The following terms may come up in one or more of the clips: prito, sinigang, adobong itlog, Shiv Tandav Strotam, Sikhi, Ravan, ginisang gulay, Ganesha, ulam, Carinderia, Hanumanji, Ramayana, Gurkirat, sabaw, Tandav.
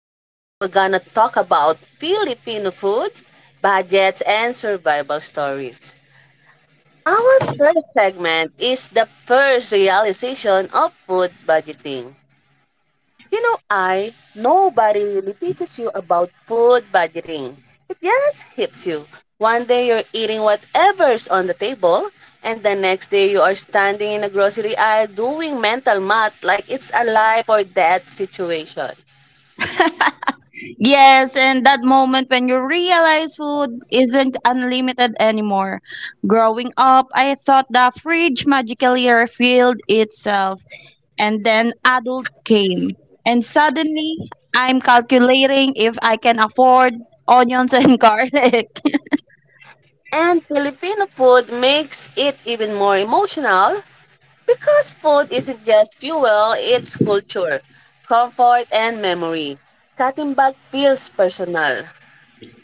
Today we're gonna talk about Filipino food, budgets, and survival stories. Our first segment is the first realization of food budgeting. You know, I nobody really teaches you about food budgeting. It just hits you. One day you're eating whatever's on the table, and the next day you are standing in a grocery aisle doing mental math like it's a life or death situation. Yes, and that moment when you realize food isn't unlimited anymore. Growing up, I thought the fridge magically refilled itself, and then adult came. And suddenly, I'm calculating if I can afford onions and garlic. And Filipino food makes it even more emotional because food isn't just fuel, it's culture, comfort, and memory. Katimbag feels personal.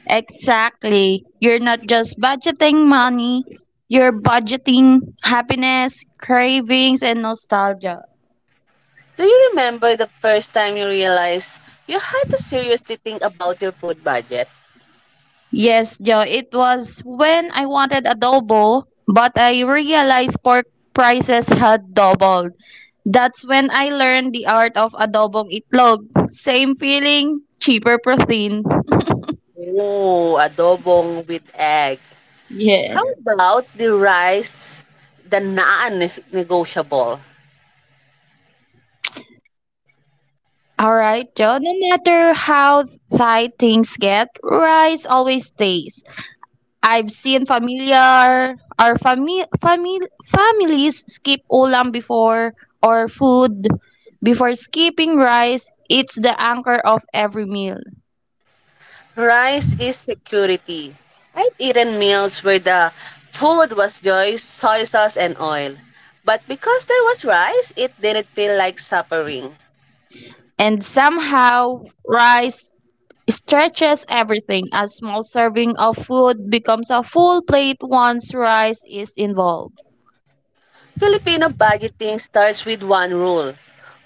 Exactly. You're not just budgeting money, you're budgeting happiness, cravings, and nostalgia. Do you remember the first time you realized you had to seriously think about your food budget? Yes, Joe, it was when I wanted adobo, but I realized pork prices had doubled. That's when I learned the art of adobong itlog. Same feeling, cheaper protein. Ooh, adobong with egg. How Yes. about the rice, the naan is negotiable. All right, Joe, no matter how Thai things get, rice always stays. I've seen familiar or families skip ulam before or food before skipping rice. It's the anchor of every meal. Rice is security. I've eaten meals where the food was just soy sauce and oil. But because there was rice, it didn't feel like suffering. And somehow rice stretches everything. A small serving of food becomes a full plate once rice is involved. Filipino budgeting starts with one rule.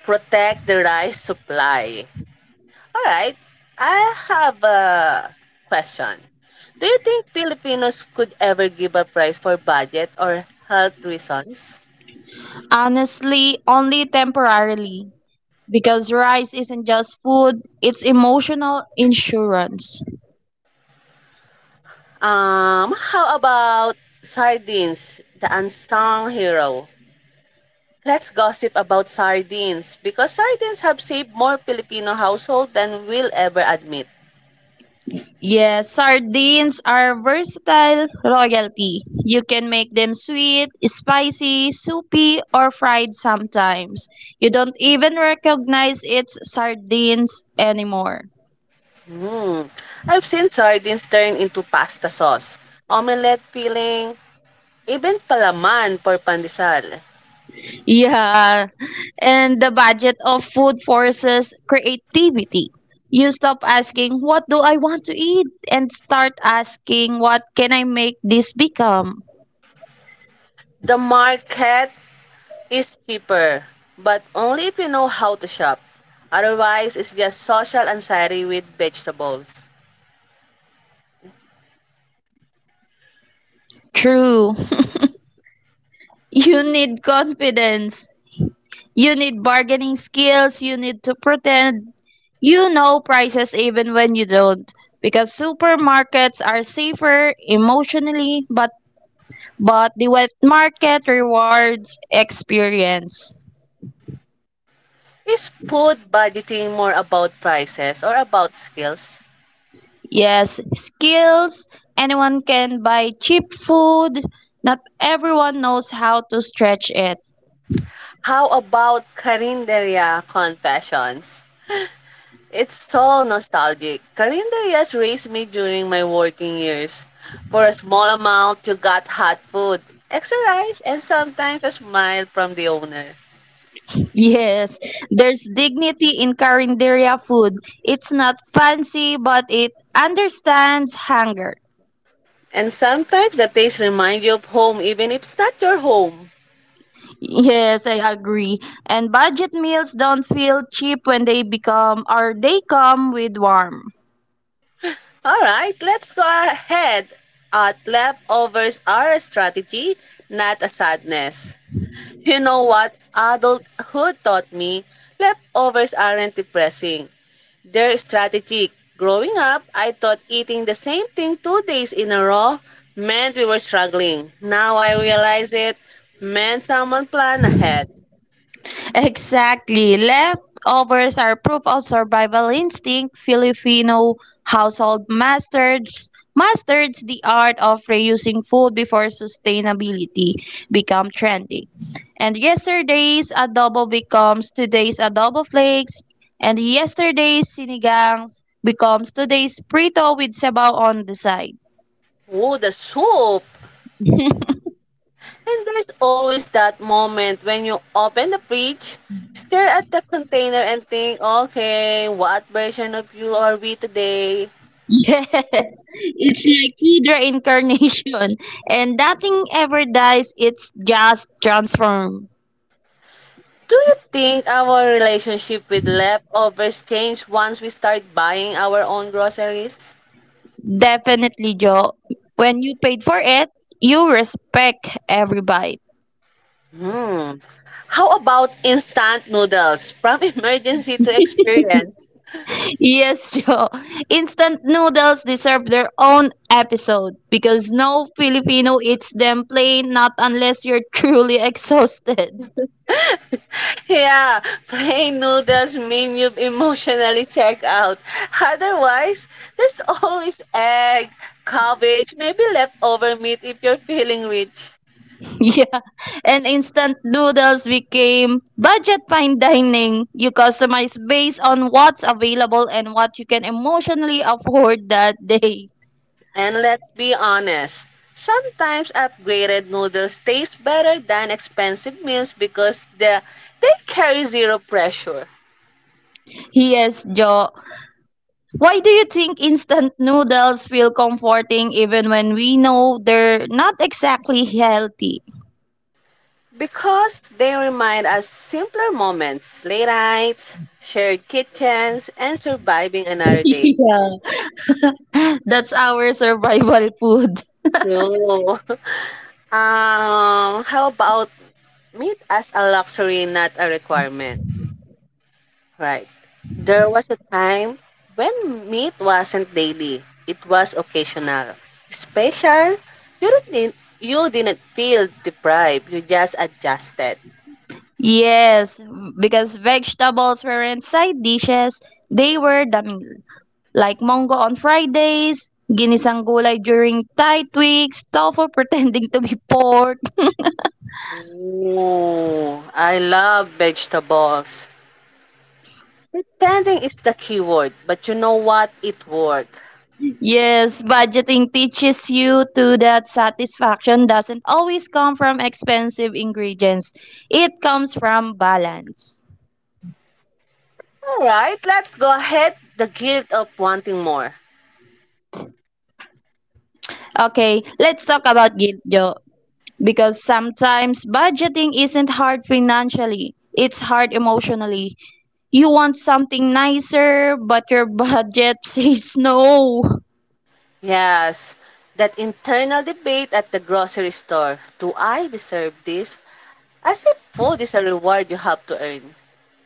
Protect the rice supply. Alright, I have a question. Do you think Filipinos could ever give up rice for budget or health reasons? Honestly, only temporarily because rice isn't just food, it's emotional insurance. How about sardines, the unsung hero? Let's gossip about sardines because sardines have saved more Filipino household than we'll ever admit. Yes, sardines are versatile royalty. You can make them sweet, spicy, soupy, or fried sometimes. You don't even recognize it's sardines anymore. Hmm. I've seen sardines turn into pasta sauce, omelette filling, even palaman for pandesal. Yeah, and the budget of food forces creativity. You stop asking, "What do I want to eat?" and start asking, "What can I make this become?" The market is cheaper, but only if you know how to shop. Otherwise, it's just social anxiety with vegetables. True, you need confidence. You need bargaining skills, you need to pretend you know prices even when you don't. Because supermarkets are safer emotionally, but the wet market rewards experience. Is food budgeting more about prices or about skills? Yes, skills. Anyone can buy cheap food. Not everyone knows how to stretch it. How about Carinderia Confessions? It's so nostalgic. Carinderias raised me during my working years. For a small amount, you got hot food, extra rice, and sometimes a smile from the owner. Yes, there's dignity in Carinderia food. It's not fancy, but it understands hunger. And sometimes the taste remind you of home even if it's not your home. Yes, I agree. And budget meals don't feel cheap when they become or they come with warm. All right, let's go ahead. At leftovers are a strategy, not a sadness. You know what adulthood taught me? Leftovers aren't depressing. They're strategic. Growing up, I thought eating the same thing 2 days in a row meant we were struggling. Now I realize it meant someone planned ahead. Exactly. Leftovers are proof of survival instinct. Filipino household masters the art of reusing food before sustainability become trendy. And yesterday's adobo becomes today's adobo flakes, and yesterday's sinigang becomes today's prito with sabaw on the side. Ooh, the soup! And there's always that moment when you open the fridge, stare at the container and think, okay, what version of you are we today? It's like food reincarnation. And nothing ever dies, it's just transformed. Do you think our relationship with leftovers change once we start buying our own groceries? Definitely, Joe. When you paid for it, you respect every bite. How about instant noodles? From emergency to experience. Yes, Joe. Instant noodles deserve their own episode because no Filipino eats them plain, not unless you're truly exhausted. Yeah, plain noodles mean you've emotionally checked out. Otherwise, there's always egg, cabbage, maybe leftover meat if you're feeling rich. Yeah, and instant noodles became budget fine dining. You customize based on what's available and what you can emotionally afford that day. And let's be honest, sometimes upgraded noodles taste better than expensive meals because they carry zero pressure. Yes, Joe. Why do you think instant noodles feel comforting even when we know they're not exactly healthy? Because they remind us simpler moments, late nights, shared kitchens, and surviving another day. Yeah. That's our survival food. So, how about meat as a luxury, not a requirement? Right. There was a time when meat wasn't daily. It was occasional. Special, you didn't feel deprived. You just adjusted. Yes, because vegetables weren't side dishes, they were the meal. Like mango on Fridays, ginisang gulay during tight weeks, tofu pretending to be pork. Ooh, I love vegetables. Pretending it's the keyword, but you know what? It worked. Yes, budgeting teaches you to that satisfaction doesn't always come from expensive ingredients. It comes from balance. All right, let's go ahead. The guilt of wanting more. Okay, let's talk about guilt, Joe. Because sometimes budgeting isn't hard financially, it's hard emotionally. You want something nicer, but your budget says no. Yes, that internal debate at the grocery store. Do I deserve this? As if food is a reward you have to earn.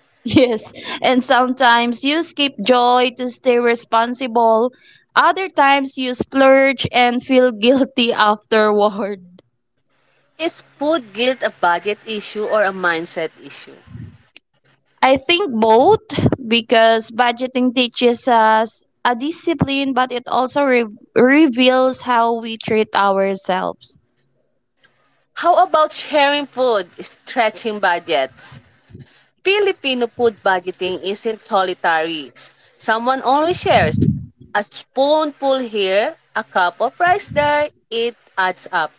Yes, and sometimes you skip joy to stay responsible. Other times you splurge and feel guilty afterward. Is food guilt a budget issue or a mindset issue? I think both because budgeting teaches us a discipline, but it also reveals how we treat ourselves. How about sharing food, stretching budgets? Filipino food budgeting isn't solitary. Someone always shares. A spoonful here, a cup of rice there, it adds up.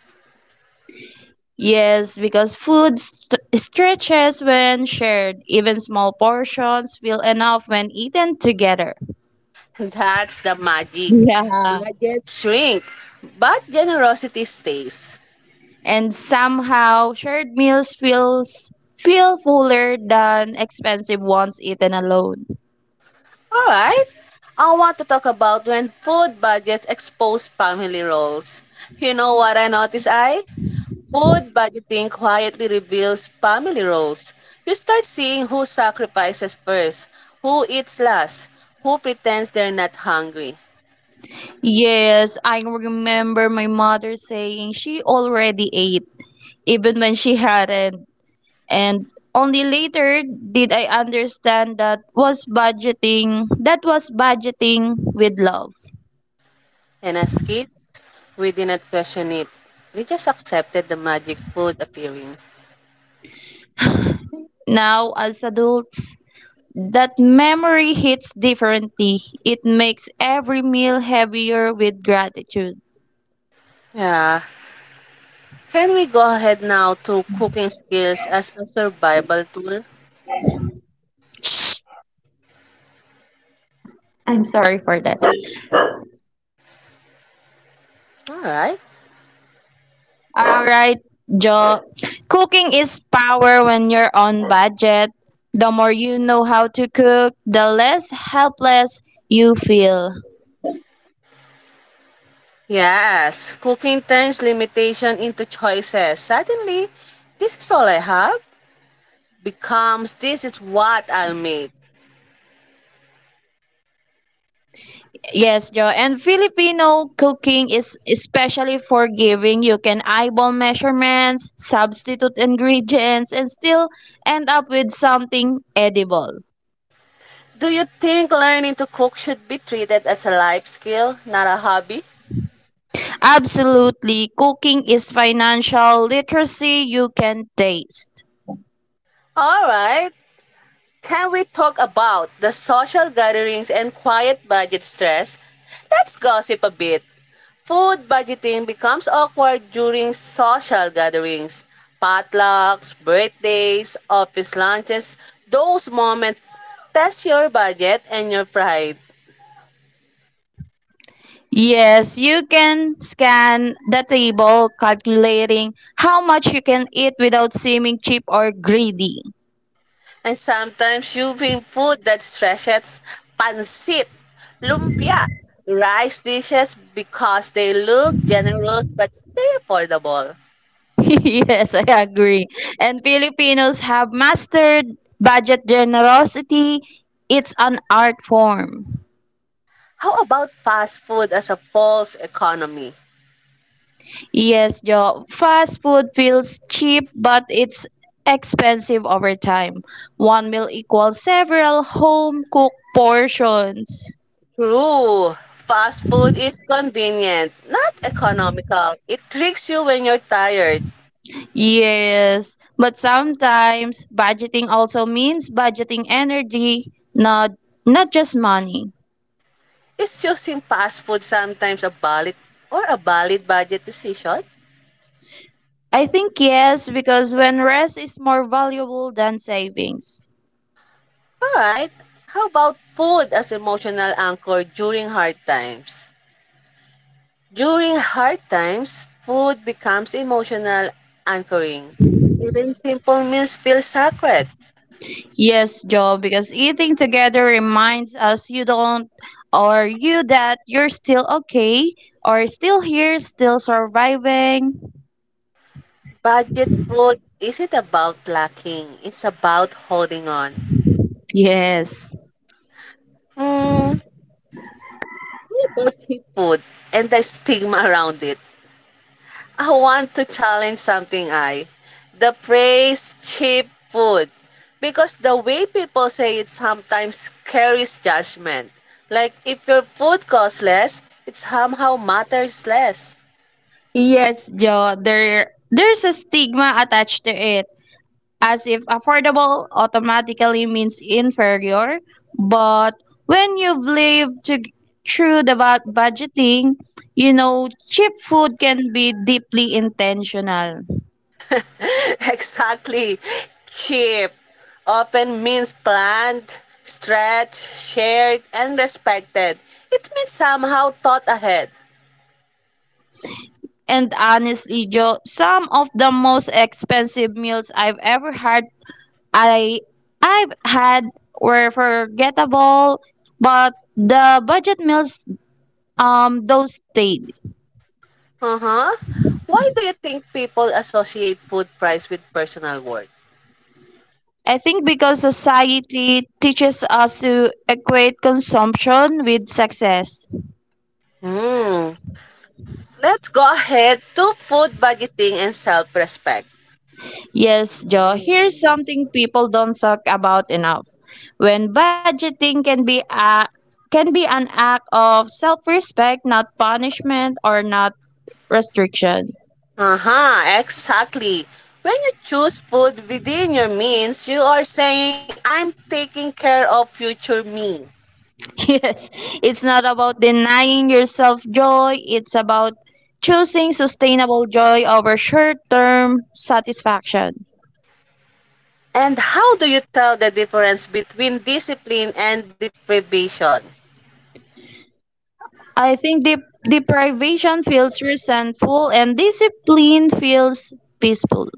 Yes, because food stretches when shared. Even small portions feel enough when eaten together. That's the magic. Yeah. Budgets shrink, but generosity stays. And somehow shared meals feel fuller than expensive ones eaten alone. All right. I want to talk about when food budgets expose family roles. You know what I notice, I? Food budgeting quietly reveals family roles. You start seeing who sacrifices first, who eats last, who pretends they're not hungry. Yes, I remember my mother saying she already ate even when she hadn't and only later did I understand that was budgeting with love. And as kids, we did not question it. We just accepted the magic food appearing. Now as adults that memory hits differently. It makes every meal heavier with gratitude. Yeah. Can we go ahead now to cooking skills as a survival tool? I'm sorry for that. All right. All right, Joe. Cooking is power when you're on budget. The more you know how to cook, the less helpless you feel. Yes, cooking turns limitation into choices. Suddenly, this is all I have becomes this is what I'll make. Yes, Joe. And Filipino cooking is especially forgiving. You can eyeball measurements, substitute ingredients, and still end up with something edible. Do you think learning to cook should be treated as a life skill, not a hobby? Absolutely. Cooking is financial literacy you can taste. All right, can we talk about the social gatherings and quiet budget stress? Let's gossip a bit. Food budgeting becomes awkward during social gatherings, potlucks, birthdays, office lunches. Those moments test your budget and your pride. Yes, you can scan the table calculating how much you can eat without seeming cheap or greedy. And sometimes you bring food that stretches pansit, lumpia, rice dishes because they look generous but stay affordable. Yes, I agree. And Filipinos have mastered budget generosity. It's an art form. How about fast food as a false economy? Yes, Joe. Fast food feels cheap, but it's expensive over time. One meal equals several home cooked portions. True. Fast food is convenient, not economical. It tricks you when you're tired. Yes, but sometimes budgeting also means budgeting energy, not just money. Is choosing fast food sometimes a valid budget decision? I think yes because when rest is more valuable than savings. Alright, how about food as emotional anchor during hard times? During hard times, food becomes emotional anchoring. Even simple meals feel sacred. Yes, Joe, because eating together reminds us you don't or you that you're still okay or still here, still surviving. Budget food isn't about lacking, it's about holding on. Yes. Hmm, bulky food and the stigma around it. I want to challenge something I the phrase cheap food because the way people say it sometimes carries judgment. Like if your food costs less, it somehow matters less. Yes, Joe, there's a stigma attached to it, as if affordable automatically means inferior. But when you've lived to, through the budgeting, you know, cheap food can be deeply intentional. exactly. Cheap often means planned, stretched, shared, and respected. It means somehow thought ahead. And honestly, Joe, some of the most expensive meals I've ever had, I I've had were forgettable, but the budget meals, those stayed. Uh-huh. Why do you think people associate food price with personal worth? I think because society teaches us to equate consumption with success. Hmm. Let's go ahead to food budgeting and self-respect. Yes, Joe, here's something people don't talk about enough. When budgeting can be an act of self-respect, not punishment or not restriction. Uh-huh, exactly. When you choose food within your means, you are saying, I'm taking care of future me. Yes, it's not about denying yourself joy, it's about choosing sustainable joy over short-term satisfaction. And how do you tell the difference between discipline and deprivation? I think deprivation feels resentful and discipline feels peaceful.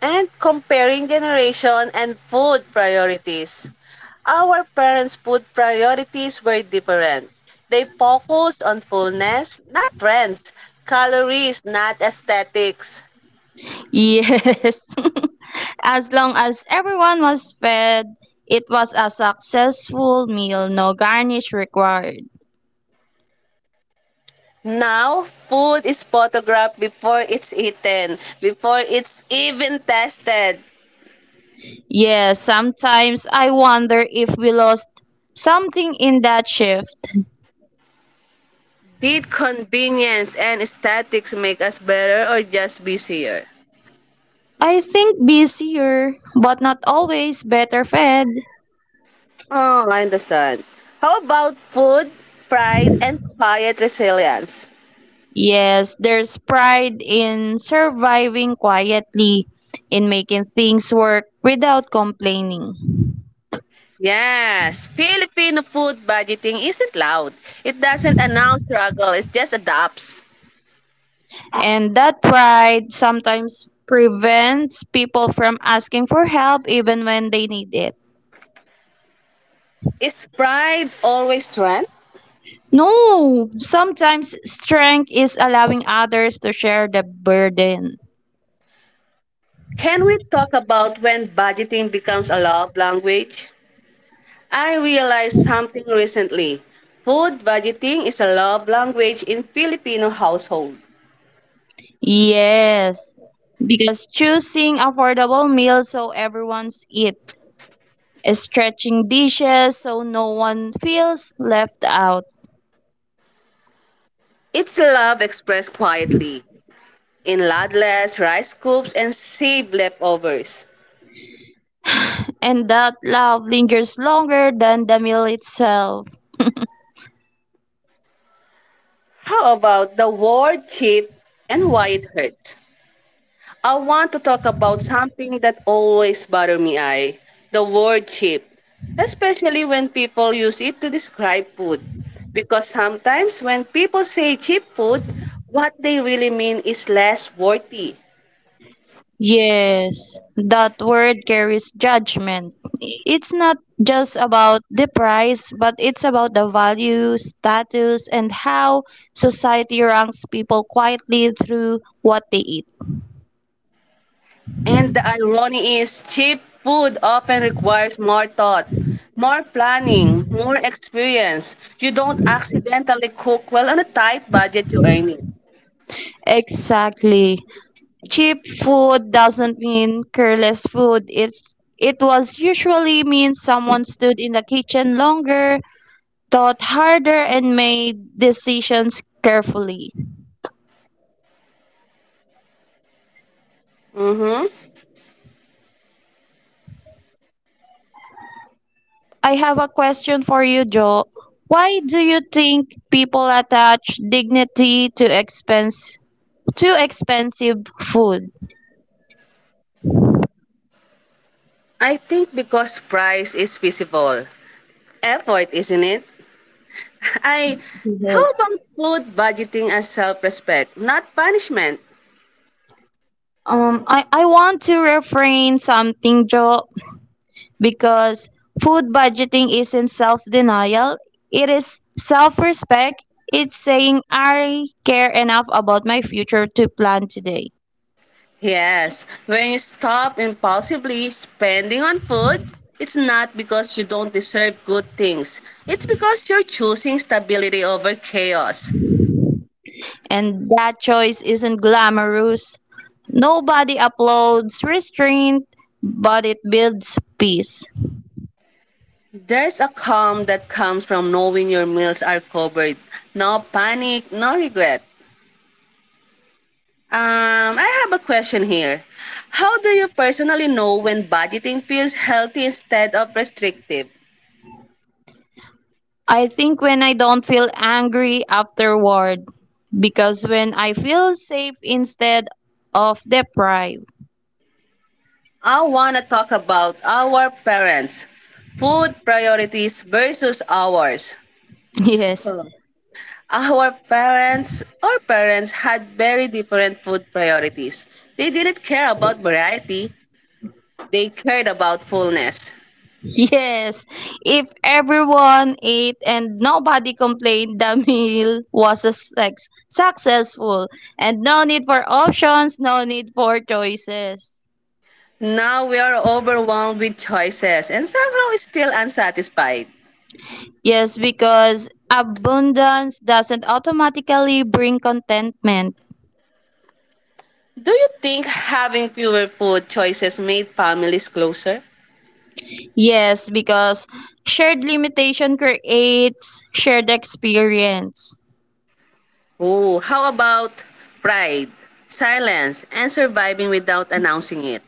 And comparing generation and food priorities. Our parents' food priorities were different. They focused on fullness, not trends, calories, not aesthetics. Yes. As long as everyone was fed, it was a successful meal, no garnish required. Now, food is photographed before it's eaten, before it's even tested. Yes, sometimes I wonder if we lost something in that shift. Did convenience and aesthetics make us better or just busier? I think busier, but not always better fed. Oh, I understand. How about food, pride, and quiet resilience? Yes, there's pride in surviving quietly, in making things work without complaining. Yes, Filipino food budgeting isn't loud. It doesn't announce struggle, it just adapts. And that pride sometimes prevents people from asking for help even when they need it. Is pride always strength? No, sometimes strength is allowing others to share the burden. Can we talk about when budgeting becomes a love language? I realized something recently. Food budgeting is a love language in Filipino household. Yes, because choosing affordable meals so everyone's eat, stretching dishes so no one feels left out It's love expressed quietly in ladles, rice scoops, and saved leftovers. and that love lingers longer than the meal itself. How about the word cheap and why it hurts? I want to talk about something that always bothers me, the word cheap, especially when people use it to describe food. Because sometimes when people say cheap food, what they really mean is less worthy. Yes, that word carries judgment. It's not just about the price, but it's about the value, status, and how society ranks people quietly through what they eat. And the irony is cheap food often requires more thought, more planning, more experience. You don't accidentally cook well on a tight budget you're earning. Exactly. Cheap food doesn't mean careless food. It's it was usually means someone stood in the kitchen longer, thought harder and made decisions carefully. I have a question for you, Joe. Why do you think people attach dignity to expense to expensive food? I think because price is visible. Effort, isn't it? I How Mhm. about food budgeting as self-respect, not punishment? I want to refrain something, Joe, because food budgeting isn't self denial. It is self respect. It's saying I care enough about my future to plan today. Yes, when you stop impulsively spending on food, it's not because you don't deserve good things. It's because you're choosing stability over chaos. And that choice isn't glamorous. Nobody uploads restraint, but it builds peace. There's a calm that comes from knowing your meals are covered. No panic, no regret. I have a question here. How do you personally know when budgeting feels healthy instead of restrictive? I think when I don't feel angry afterward, because when I feel safe instead of deprived. I want to talk about our parents' food priorities versus ours. Yes, Huh. Our parents had very different food priorities. They didn't care about variety, they cared about fullness. yes. If everyone ate and nobody complained, the meal was a successful. And no need for options, no need for choices. Now we are overwhelmed with choices and somehow still unsatisfied. Yes, because abundance doesn't automatically bring contentment. Do you think having fewer food choices made families closer? Yes, because shared limitation creates shared experience. Oh, how about pride, silence, and surviving without announcing it?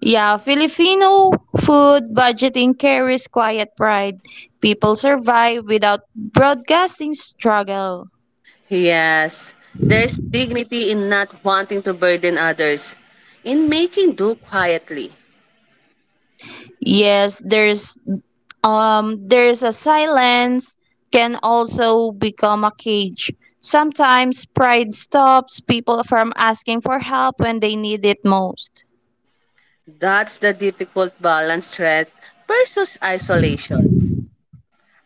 Yeah, Filipino food budgeting carries quiet pride. People survive without broadcasting struggle. Yes, there's dignity in not wanting to burden others, in making do quietly. Yes, there's a silence can also become a cage. Sometimes pride stops people from asking for help when they need it most. That's the difficult balance threat versus isolation.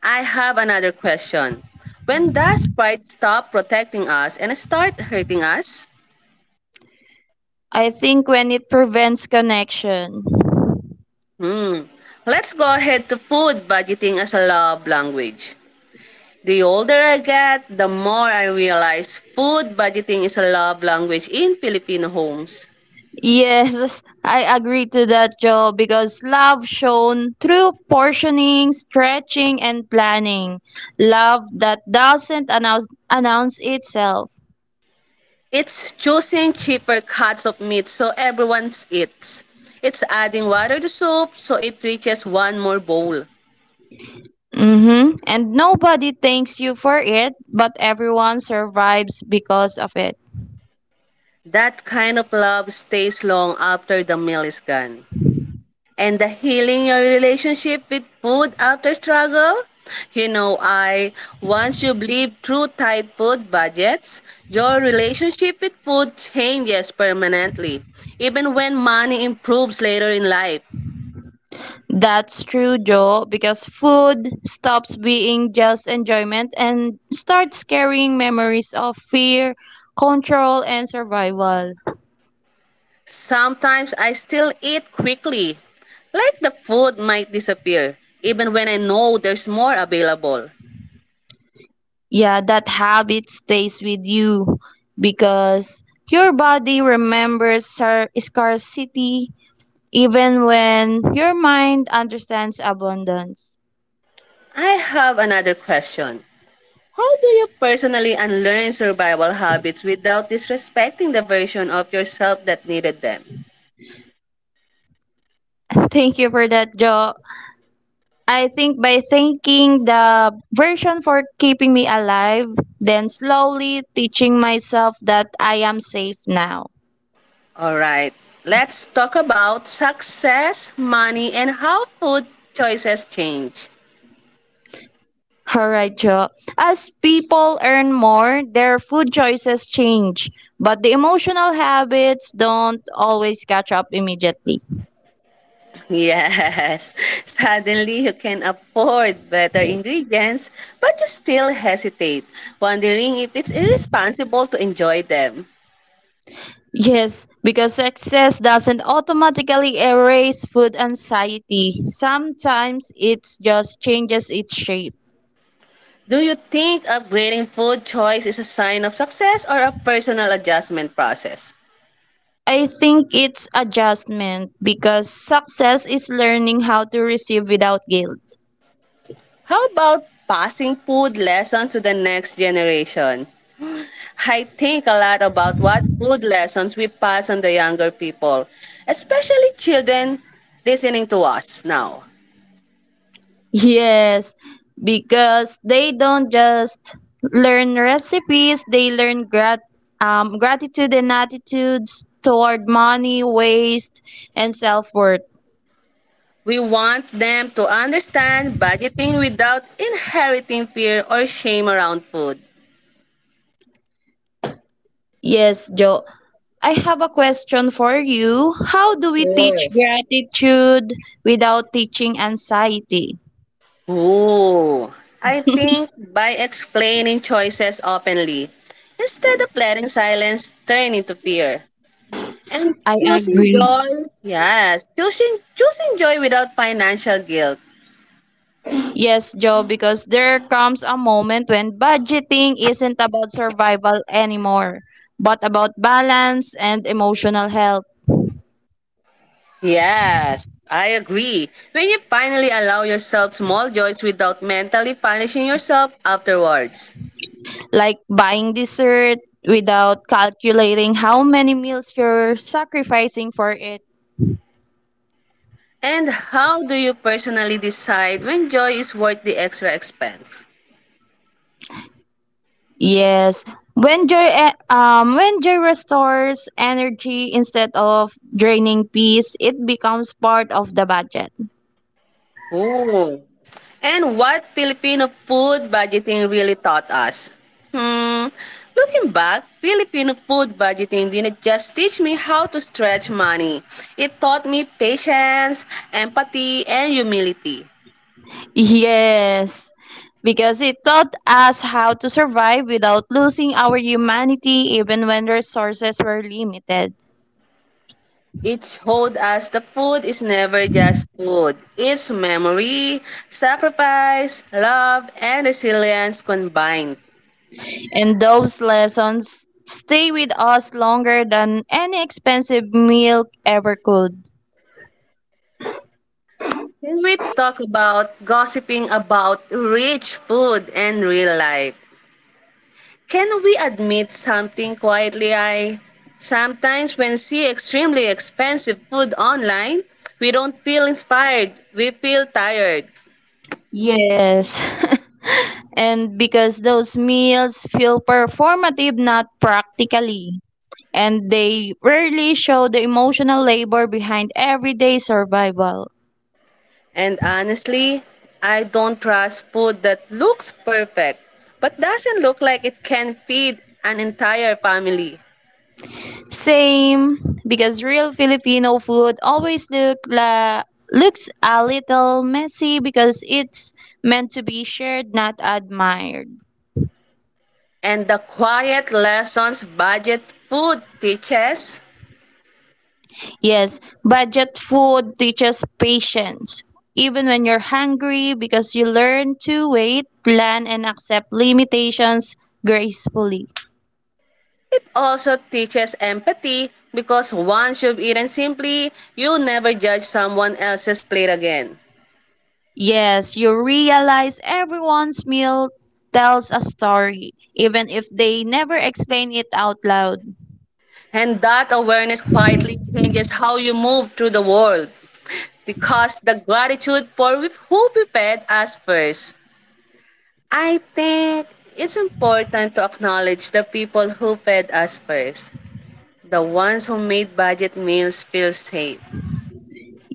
I have another question. When does pride stop protecting us and start hurting us? I think when it prevents connection. Let's go ahead to food budgeting as a love language. The older I get, the more I realize food budgeting is a love language in Filipino homes. Yes, I agree to that, Joe, because love shown through portioning, stretching, and planning. Love that doesn't announce itself. It's choosing cheaper cuts of meat so everyone eats. It's adding water to soup so it reaches one more bowl. Mm-hmm. And nobody thanks you for it, but everyone survives because of it. That kind of love stays long after the meal is gone. And the healing your relationship with food after struggle? You know, once you live through tight food budgets, your relationship with food changes permanently, even when money improves later in life. That's true, Joe, because food stops being just enjoyment and starts carrying memories of fear, control, and survival. Sometimes I still eat quickly, like the food might disappear, even when I know there's more available. Yeah, that habit stays with you because your body remembers scarcity even when your mind understands abundance. I have another question. How do you personally unlearn survival habits without disrespecting the version of yourself that needed them? Thank you for that, Joe. I think by thanking the version for keeping me alive, then slowly teaching myself that I am safe now. Alright, let's talk about success, money, and how food choices change. Alright, Joe. As people earn more, their food choices change, but the emotional habits don't always catch up immediately. Yes, suddenly you can afford better ingredients, but you still hesitate, wondering if it's irresponsible to enjoy them. Yes, because success doesn't automatically erase food anxiety. Sometimes it just changes its shape. Do you think upgrading food choice is a sign of success or a personal adjustment process? I think it's adjustment because success is learning how to receive without guilt. How about passing food lessons to the next generation? I think a lot about what food lessons we pass on the younger people, especially children listening to us now. Yes, because they don't just learn recipes, they learn gratitude and attitudes toward money, waste, and self worth. We want them to understand budgeting without inheriting fear or shame around food. Yes, Joe. I have a question for you. How do we Sure. teach gratitude without teaching anxiety? Ooh, I think by explaining choices openly, instead of letting silence turn into fear, and I choosing agree. joy, yes, choosing joy without financial guilt. Yes, Joe, because there comes a moment when budgeting isn't about survival anymore, but about balance and emotional health, Yes, I agree. When you finally allow yourself small joys without mentally punishing yourself afterwards. like buying dessert without calculating how many meals you're sacrificing for it. And how do you personally decide when joy is worth the extra expense? Yes, when joy restores energy instead of draining peace, it becomes part of the budget. Ooh. And what Filipino food budgeting really taught us? Hmm. Looking back, Filipino food budgeting didn't just teach me how to stretch money. It taught me patience, empathy, and humility. Yes, because it taught us how to survive without losing our humanity even when resources were limited. It showed us the food is never just food. It's memory, sacrifice, love, and resilience combined. And those lessons stay with us longer than any expensive meal ever could. Can we talk about gossiping about rich food and real life? Can we admit something quietly? I Sometimes when see extremely expensive food online, we don't feel inspired. We feel tired. Yes. And because those meals feel performative, not practically. And they rarely show the emotional labor behind everyday survival. And honestly, I don't trust food that looks perfect but doesn't look like it can feed an entire family. Same, because real Filipino food always looks a little messy because it's meant to be shared, not admired. And the quiet lessons budget food teaches. Yes, budget food teaches patience. Even when you're hungry, because you learn to wait, plan, and accept limitations gracefully. It also teaches empathy because once you've eaten simply, you never judge someone else's plate again. Yes, you realize everyone's meal tells a story, even if they never explain it out loud. And that awareness quietly changes how you move through the world because the gratitude for with who prepared us first. I think it's important to acknowledge the people who fed us first, the ones who made budget meals feel safe.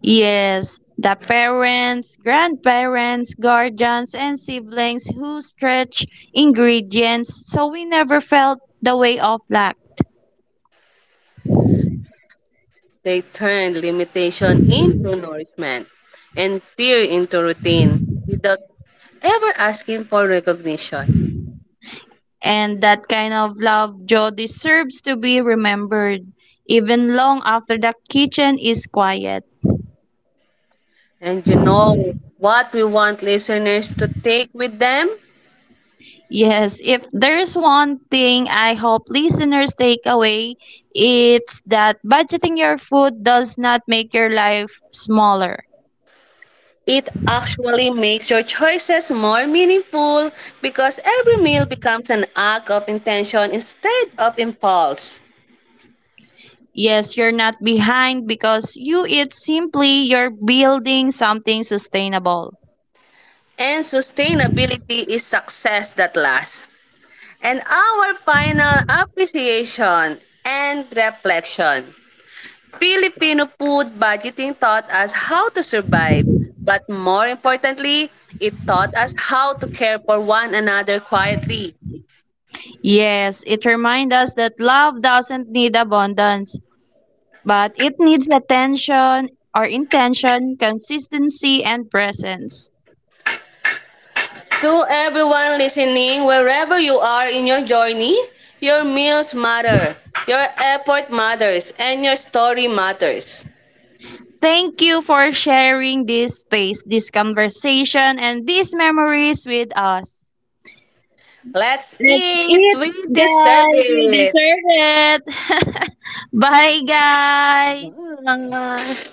Yes, the parents, grandparents, guardians, and siblings who stretch ingredients so we never felt the way of lack. They turn limitation into nourishment and fear into routine without ever asking for recognition. And that kind of love, Joe, deserves to be remembered, even long after the kitchen is quiet. And you know what we want listeners to take with them? Yes, if there's one thing I hope listeners take away, it's that budgeting your food does not make your life smaller. It actually makes your choices more meaningful because every meal becomes an act of intention instead of impulse. Yes, you're not behind because you eat simply, you're building something sustainable. And sustainability is success that lasts. And our final appreciation and reflection. Filipino food budgeting taught us how to survive, but more importantly, it taught us how to care for one another quietly. Yes, it reminds us that love doesn't need abundance, but it needs attention or intention, consistency, and presence. To everyone listening, wherever you are in your journey, your meals matter, your effort matters, and your story matters. Thank you for sharing this space, this conversation, and these memories with us. Let's Let's eat, eat, we deserve guys! We it. deserve it! Bye, guys! Bye.